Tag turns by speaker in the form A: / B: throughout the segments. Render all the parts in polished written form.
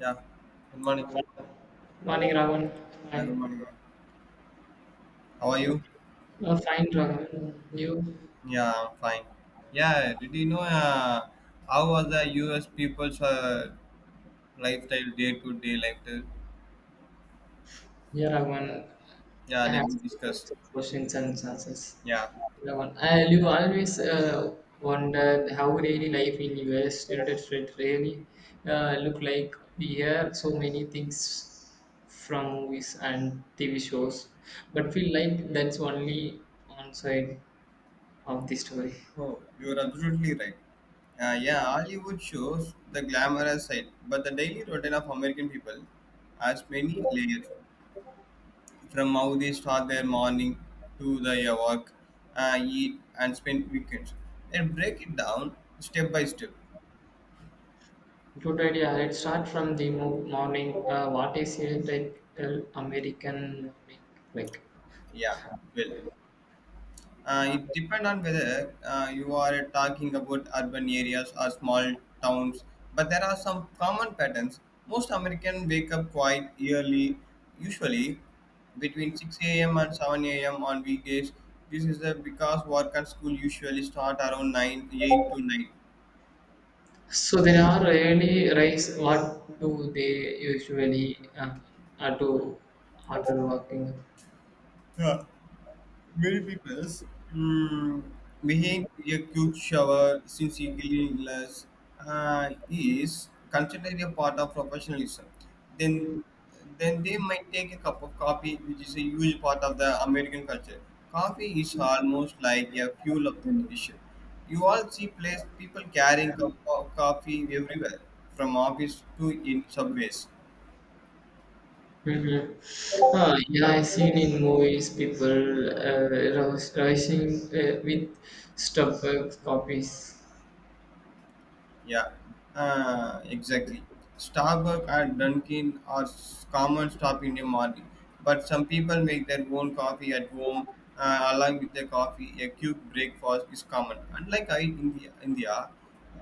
A: Yeah, good morning.
B: Morning, Raghavan. Hi.
A: Yeah, good morning, ma'am. How are you?
B: Fine, Raghavan. You?
A: Yeah, I'm fine. Yeah, did you know how was the US people's lifestyle, day to day lifestyle?
B: Yeah, Raghavan.
A: Yeah,
B: I
A: let
B: have
A: me
B: some
A: discuss.
B: types of questions and answers.
A: Yeah.
B: Raghavan, I you always wondered how daily life in US United States really look like. We hear so many things from movies and TV shows, but feel like that's only one side of the story.
A: Oh, you're absolutely right. Yeah, Hollywood shows the glamorous side, but the daily routine of American people has many layers, from how they start their morning to their work, eat, and spend weekends. And break it down step by step.
B: Good idea. Let's start from the morning. What is a typical American morning like?
A: Yeah, well, it depends on whether you are talking about urban areas or small towns, but there are some common patterns. Most Americans wake up quite early, usually between 6 a.m. and 7 a.m. on weekdays. This is because work and school usually start around 9, 8 to 9.
B: So there are early rise. What do they usually do after working?
A: Yeah. Many people mm, behind a quick shower since cleanliness is considered a part of professionalism. Then, then they might take a cup of coffee, which is a huge part of the American culture. Coffee is almost like a fuel of the nation. You all see place people carrying cup of coffee everywhere, from office to in subways.
B: Mm-hmm. Yeah, I seen in movies people uh, rising with Starbucks copies.
A: Yeah, exactly. Starbucks and Dunkin' are common stop in the morning, but some people make their own coffee at home. Along with their coffee, a quick breakfast is common. Unlike India,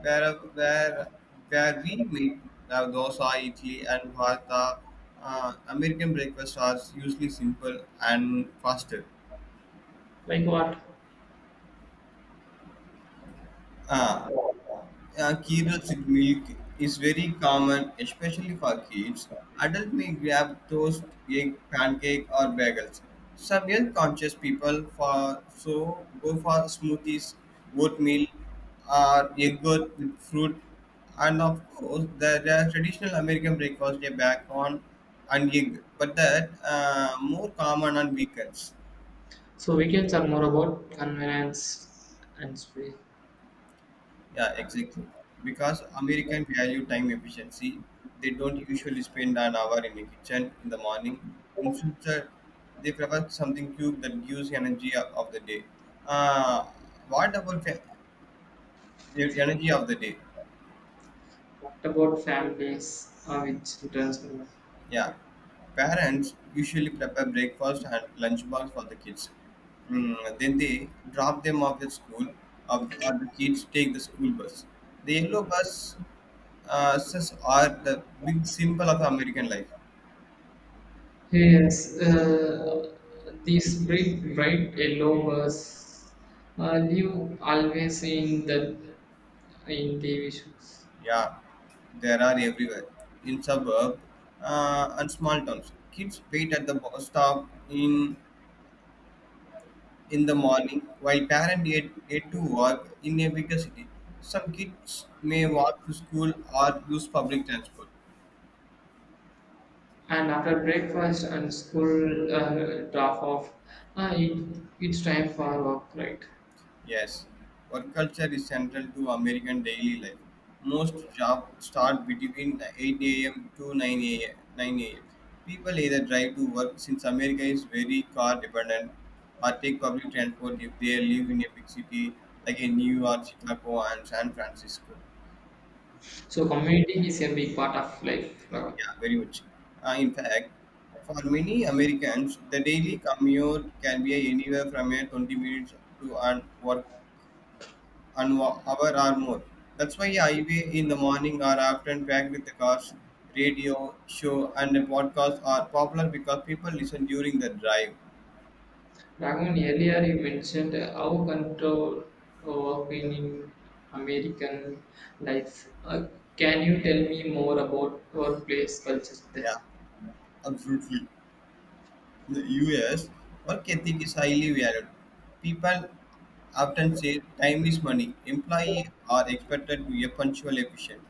A: where where where we make dosa, idli, and bhata, American breakfasts are usually simple and faster.
B: Like what?
A: Uh, Cereals with milk is very common, especially for kids. Adults may grab toast, egg, pancake, or bagels. Some health-conscious people for so go for smoothies, oatmeal, or egg yogurt with fruit. And of course, there are traditional American breakfast: a bacon and egg, but that more common on weekends.
B: So weekends are more about convenience and speed.
A: Yeah, exactly. Because American value time efficiency, they don't usually spend an hour in the kitchen in the morning. Instead, they prefer something quick that gives energy of the day. Uh, what about fa- the energy of the day?
B: What about families with children?
A: Yeah, parents usually prepare breakfast and lunchbox for the kids. Then they drop them off at school, or the kids take the school bus. The yellow buses are the big symbol of American life.
B: Yes, these bright yellow birds live always in the issues.
A: Yeah, there are everywhere. In suburb and small towns, kids wait at the bus stop in the
B: And
A: morning, while parents get to work in a bigger city. Some kids may walk to school or use public transport.
B: after breakfast and school drop off, it's time for work, right?
A: Yes, work culture is central to American daily life. Most jobs start between 8 a.m. to 9 a.m. People either drive to work since America is very car dependent, or take public transport if they live in a big city like in New York, Chicago, and San Francisco.
B: So community is a big part of life.
A: Yeah, very much. In fact, for many Americans, the daily commute can be anywhere from a 20 minutes to an hour or more. That's why I wake in the morning are often packed with the cars, radio, show, and podcasts are popular because people listen during the drive.
B: Raghun, earlier you mentioned how control work in American life. Can you tell me more about workplace culture there?
A: Yeah, absolutely. In the US, work ethic is highly valued. People often say time is money. Employees are expected to be punctual, efficient,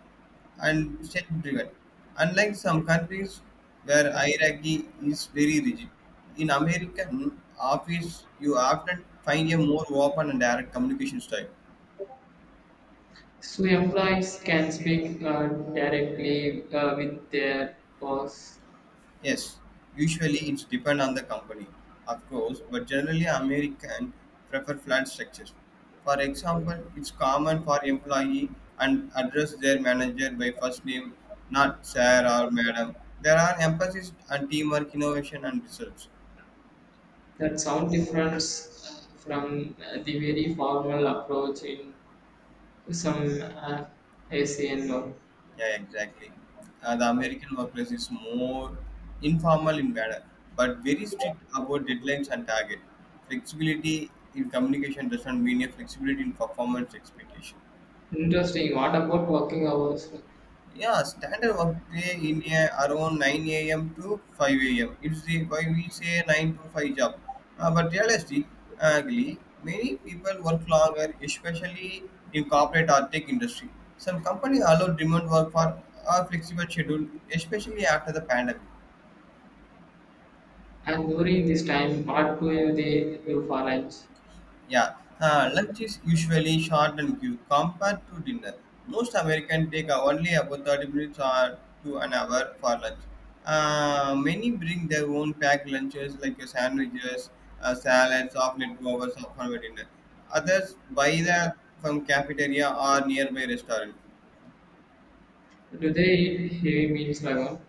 A: and self-driven. Unlike some countries where hierarchy is very rigid, in American office you often find a more open and direct communication style.
B: So employees can speak directly with their boss.
A: Yes, usually it's depend on the company, of course, but generally American prefer flat structures. For example, it's common for employee and address their manager by first name, not sir or madam. There are emphasis on teamwork, innovation, and results.
B: That sound difference from the very formal approach in some ACN work.
A: Yeah, exactly. The American workplace is more informal in manner, but very strict about deadlines and target. Flexibility in communication does not mean a flexibility in performance expectation.
B: Interesting. What about working hours?
A: Yeah, standard workday in a, around 9 a.m. to 5 a.m. It's the why we say 9 to 5 job. But realistically, many people work longer, especially in corporate or tech industry. Some companies allow remote work for a flexible schedule, especially after the pandemic.
B: And during this time, what do you, they do for lunch?
A: Yeah, lunch is usually short and quick compared to dinner. Most Americans take only about 30 minutes or to an hour for lunch. Many bring their own packed lunches like your sandwiches, salads, or leftovers for dinner. Others buy them from cafeteria or nearby restaurant.
B: Do they eat heavy meals alone?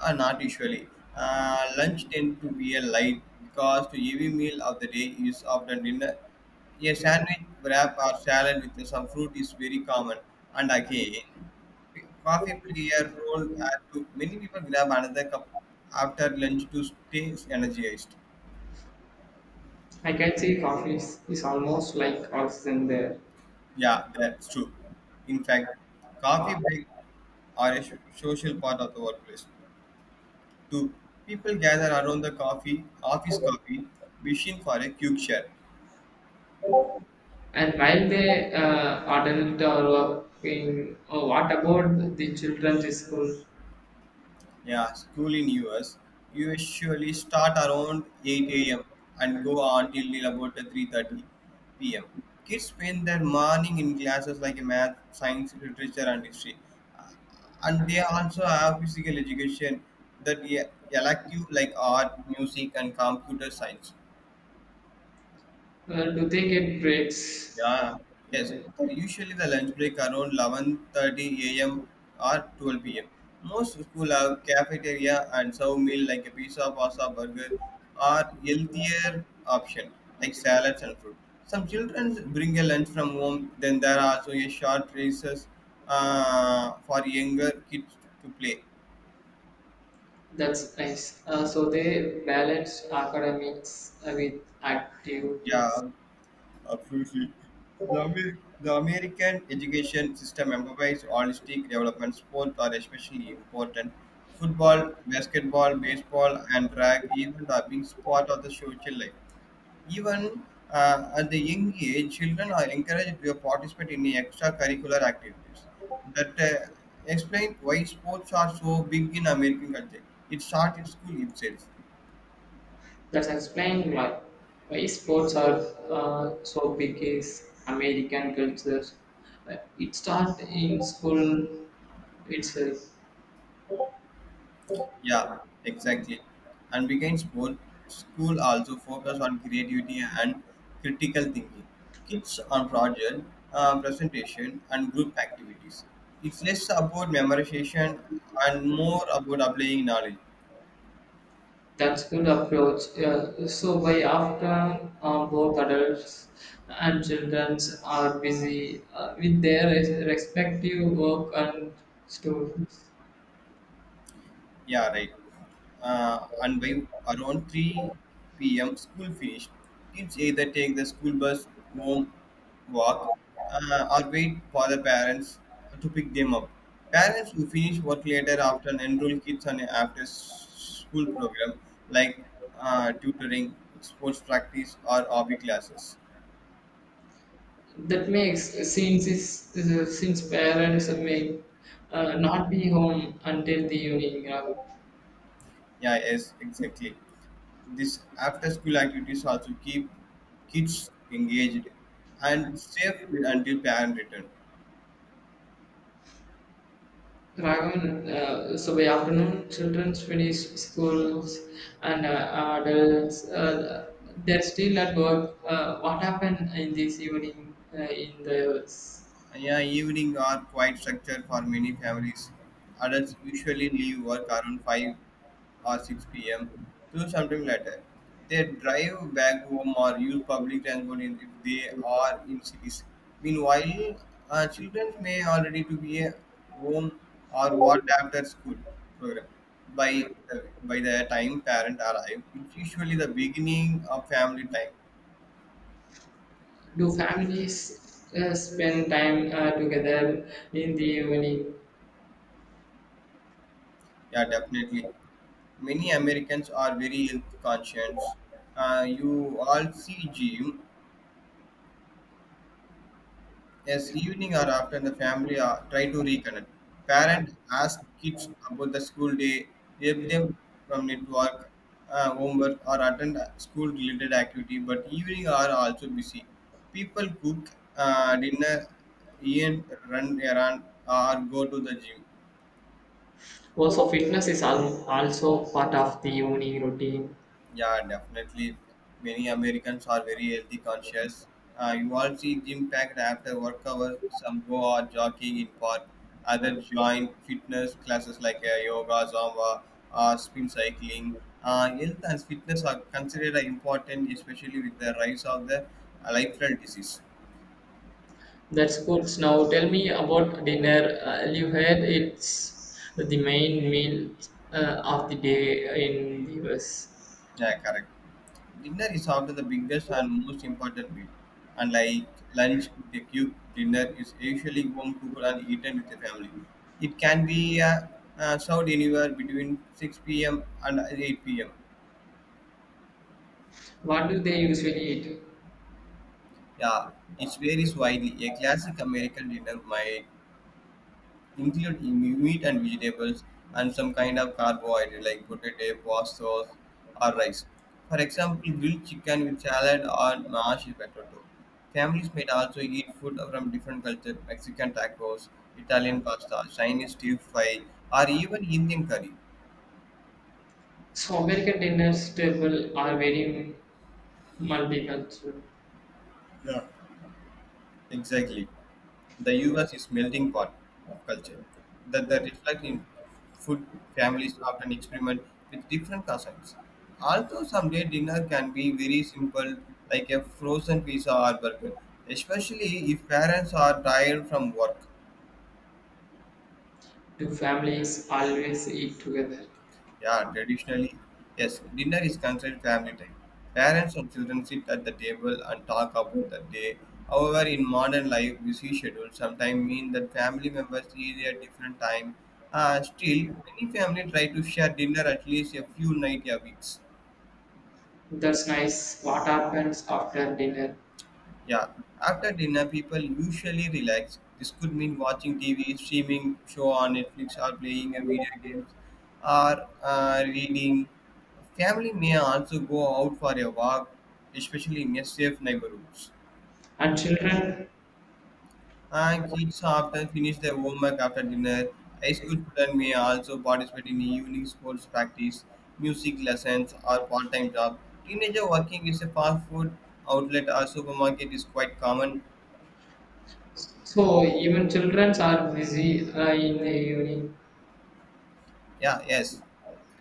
A: Not usually. Lunch tends to be a light because the heavy meal of the day is often dinner. A sandwich, wrap, or salad with some fruit is very common. And again, coffee play a role as to many people grab another cup after lunch to stay energized.
B: I can see coffee is almost like oxygen there.
A: Yeah, that's true. In fact, coffee breaks are a social part of the workplace. Two people gather around the coffee, office coffee, wishing for a quick share.
B: And while they adult are working, oh, what about the children in school?
A: Yeah, school in US usually start around 8 a.m. and go until about 3:30 p.m. Kids spend their morning in classes like math, science, literature, and history, Uh, and they also have physical education that elective like art, music, and computer science.
B: Do they get breaks?
A: Yeah, yes. But usually the lunch break around 11:30 a.m. or 12 p.m. Most school have cafeteria and serve meal like a pizza, pasta, burger, or healthier option like salads and fruit. Some children bring a lunch from home. Then there are also a short races for younger kids to play.
B: That's nice. So they balance academics with activities.
A: Yeah, absolutely. The American education system emphasizes holistic development. Sports are especially important. Football, basketball, baseball, and track even are being part of the social life. Even at the young age, children are encouraged to participate in extracurricular activities. That explains why sports are so big in American culture. It starts in school itself.
B: That's explain why sports are so big is American culture. It starts in school itself.
A: Yeah, exactly. And weekend sport school also focus on creativity and critical thinking. Kids on project, presentation, and group activities. It's less about memorization and more about applying knowledge.
B: That's good approach. Yeah. So by after both adults and children are busy with their respective work and stories,
A: Yeah, right. And by around 3 p.m., school finished. Kids either take the school bus home, walk, or wait for the parents to pick them up. Parents who finish work later often enroll kids on an after school program like tutoring, sports practice, or hobby classes.
B: that makes since is since parents may not be home until the evening.
A: Yeah, yes, exactly. These after-school activities also keep kids engaged and safe until parent return.
B: Raven, so by afternoon, children finish schools and adults, they're still at work. What happened in this evening? In the
A: Yeah, evening are quite structured for many families. Adults usually leave work around 5 or 6 p.m. to sometime later. They drive back home or use public transport if they are in cities. Meanwhile, children may already to be at home or what after school program. By by the time parent arrive, it's usually the beginning of family time.
B: do families spend time together in the evening?
A: Yeah, definitely. Many Americans are very health conscious. You all see gym as evening or after the family are, try to reconnect. Parents ask kids about the school day, help them from network, homework, or attend school related activity, but evening are also busy. People cook dinner, even run errand or go to the gym.
B: Also, fitness is also part of the evening routine.
A: Yeah, definitely. Many Americans are very healthy conscious. You all see gym packed after work hours. Some go out jogging in park. Others join fitness classes like yoga, zumba, spin cycling. Health and fitness are considered important, especially with the rise of the lifestyle disease.
B: That's good. Now, tell me about dinner. You had it's the main meal of the day in the US.
A: Yeah, correct. Dinner is often the biggest and most important meal. Unlike lunch, the cube dinner is usually warm, cooked and eaten with the family. It can be served anywhere between 6 p.m. and 8 p.m.
B: What do they usually eat?
A: Yeah, it varies widely. A classic American dinner might include in meat and vegetables and some kind of carbohydrate like potato, pasta, or rice. For example, grilled chicken with salad or mashed potato. Families might also eat food from different cultures, Mexican tacos, Italian pasta, Chinese stir fry, or even Indian curry.
B: So American dinners table are very multicultural.
A: Exactly. The US is melting pot of culture that reflects in food families often experiment with different cuisines. Although someday dinner can be very simple like a frozen pizza or burger, especially if parents are tired from work.
B: Do families always eat together?
A: Yeah, traditionally, yes, dinner is considered family time. Parents and children sit at the table and talk about the day. However, in modern life, busy schedules sometimes mean that family members eat at different time. Still, many family try to share dinner at least a few nights a week.
B: That's nice. What happens after dinner?
A: Yeah, after dinner, people usually relax. This could mean watching TV, streaming show on Netflix, or playing a video games, or reading. Family may also go out for a walk, especially in a safe neighborhoods.
B: And children?
A: And kids often finish their homework after dinner. High school students may also participate in evening sports practice, music lessons, or part-time job. Teenager working is a fast food outlet or supermarket is quite common.
B: So even children are busy in the evening.
A: Yeah, yes,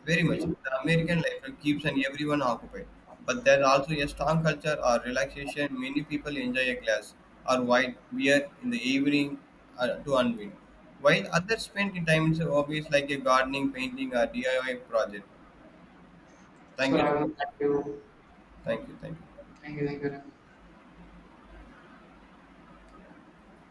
A: very much. The American life keeps and everyone occupied, but there also a strong culture or relaxation. Many people enjoy a glass or white beer in the evening to unwind, while others spend time in hobbies like a gardening, painting, or DIY project. Thank
B: So
A: you,
B: Raghav, thank you.
A: thank you, thank you.
B: Thank you, Raghav.